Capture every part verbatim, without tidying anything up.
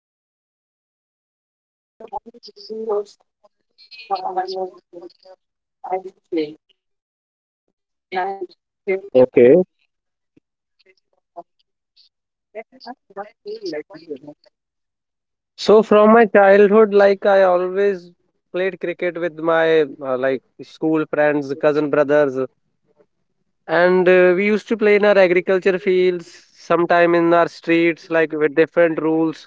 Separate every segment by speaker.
Speaker 1: Indian cricket matches. So that's the only sports I know while, while I was growing up, and I have been playing, and I am crazy
Speaker 2: Okay.
Speaker 1: about playing cricket. So that's why. Let me ask, why do you like cricket? Like,
Speaker 2: So from my childhood, like I always played cricket with my uh, like school friends, cousin brothers, and uh, we used to play in our agriculture fields, sometime in our streets, like with different rules.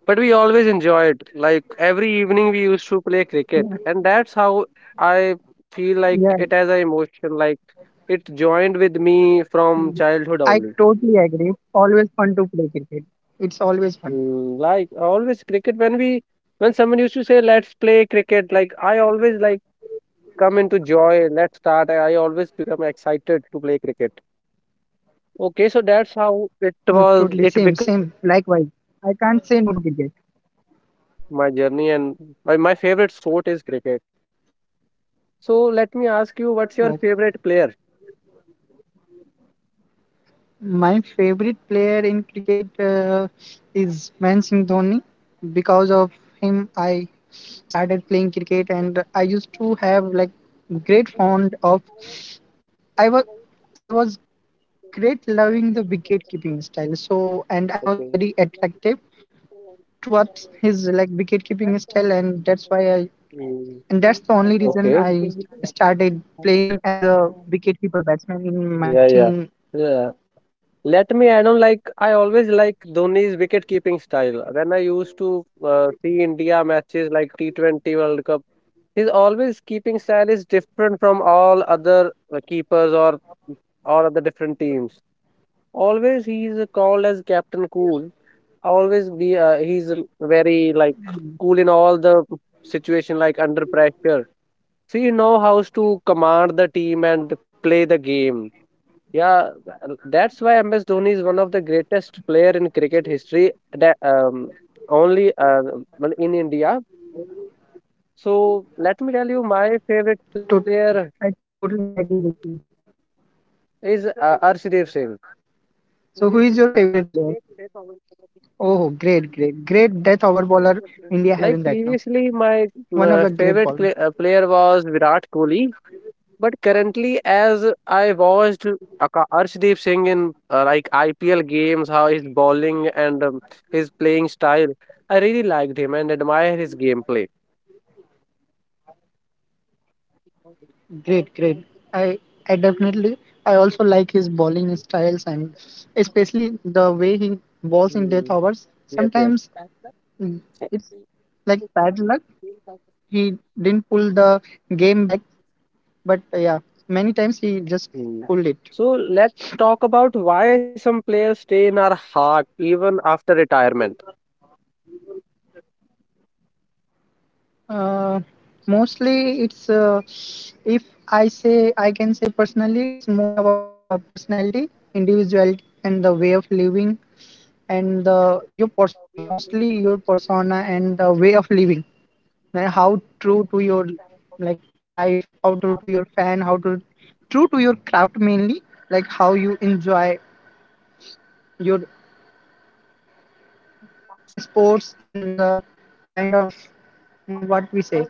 Speaker 2: But we always enjoyed. Like every evening, we used to play cricket, and
Speaker 1: yeah,
Speaker 2: that's how I feel like it as
Speaker 1: yeah,
Speaker 2: an emotion. Like it joined with me from childhood only.
Speaker 1: I totally agree. It's always fun to play cricket. It's always fun.
Speaker 2: Hmm, like always cricket when we when someone used to say let's play cricket, like I always like come into joy, let's start, I always become excited to play cricket. Okay, so that's how it
Speaker 1: Mm,
Speaker 2: was,
Speaker 1: totally
Speaker 2: it
Speaker 1: same, same.
Speaker 2: become
Speaker 1: Likewise,
Speaker 2: part
Speaker 1: I
Speaker 2: of
Speaker 1: can't
Speaker 2: my
Speaker 1: say no to
Speaker 2: life,
Speaker 1: cricket.
Speaker 2: my journey, and my, my favorite sport is cricket. So let me ask you, what's your favorite
Speaker 1: Oh,
Speaker 2: player?
Speaker 1: my favorite player in cricket uh, is Mansingh Dhoni. Because of him, I started playing cricket, and I used to have like great fond of. I was I was great loving the wicket keeping style. So, and I was
Speaker 2: Okay.
Speaker 1: very attractive towards his like wicket keeping style, and that's why I,
Speaker 2: Hmm,
Speaker 1: and that's the only reason
Speaker 2: okay.
Speaker 1: I started playing as a wicket keeper batsman in my
Speaker 2: Yeah, yeah.
Speaker 1: team.
Speaker 2: Yeah. Let me add on, like I always like Dhoni's wicket keeping style. When I used to uh, see India matches like T twenty World Cup, his always keeping style is different from all other uh, keepers or or other different teams. Always he is called as Captain Cool. Always be uh, he's very like cool in all the situation, like under pressure. So you know how to command the team and play the game. Yeah, th- that's why M S Dhoni is one of the greatest player in cricket history. That um, only uh, well, in India. So let me tell you, my favorite player
Speaker 1: To, I totally agree with you.
Speaker 2: is uh, Arshdeep Singh.
Speaker 1: So, who is your favorite player? Oh, great, great, great death over bowler India
Speaker 2: Like
Speaker 1: having right now.
Speaker 2: previously, my uh,
Speaker 1: One of the
Speaker 2: favorite
Speaker 1: great
Speaker 2: cl-
Speaker 1: bowler.
Speaker 2: uh, player was Virat Kohli. But currently, as I watched Aka- Arshdeep Singh in uh, like I P L games, how his bowling and um, his playing style, I really liked him and admire his gameplay.
Speaker 1: Great, great. I I definitely, I also like his bowling styles, and especially the way he bowls in
Speaker 2: Hmm.
Speaker 1: death overs.
Speaker 2: Yes, yes.
Speaker 1: Sometimes, mm, it's like bad luck. He didn't pull the game back, but uh, yeah, many times he just
Speaker 2: Hmm.
Speaker 1: pulled it.
Speaker 2: So let's talk about why some players stay in our heart even after retirement.
Speaker 1: Uh, Mostly it's uh, if i say I can say personally, it's more about uh, personality, individuality, and the way of living, and the your persona, mostly your persona and the way of living, like how true to your like life, how true to your fan, how to true to your craft mainly, like how you enjoy your sports, and the kind of mm, what we say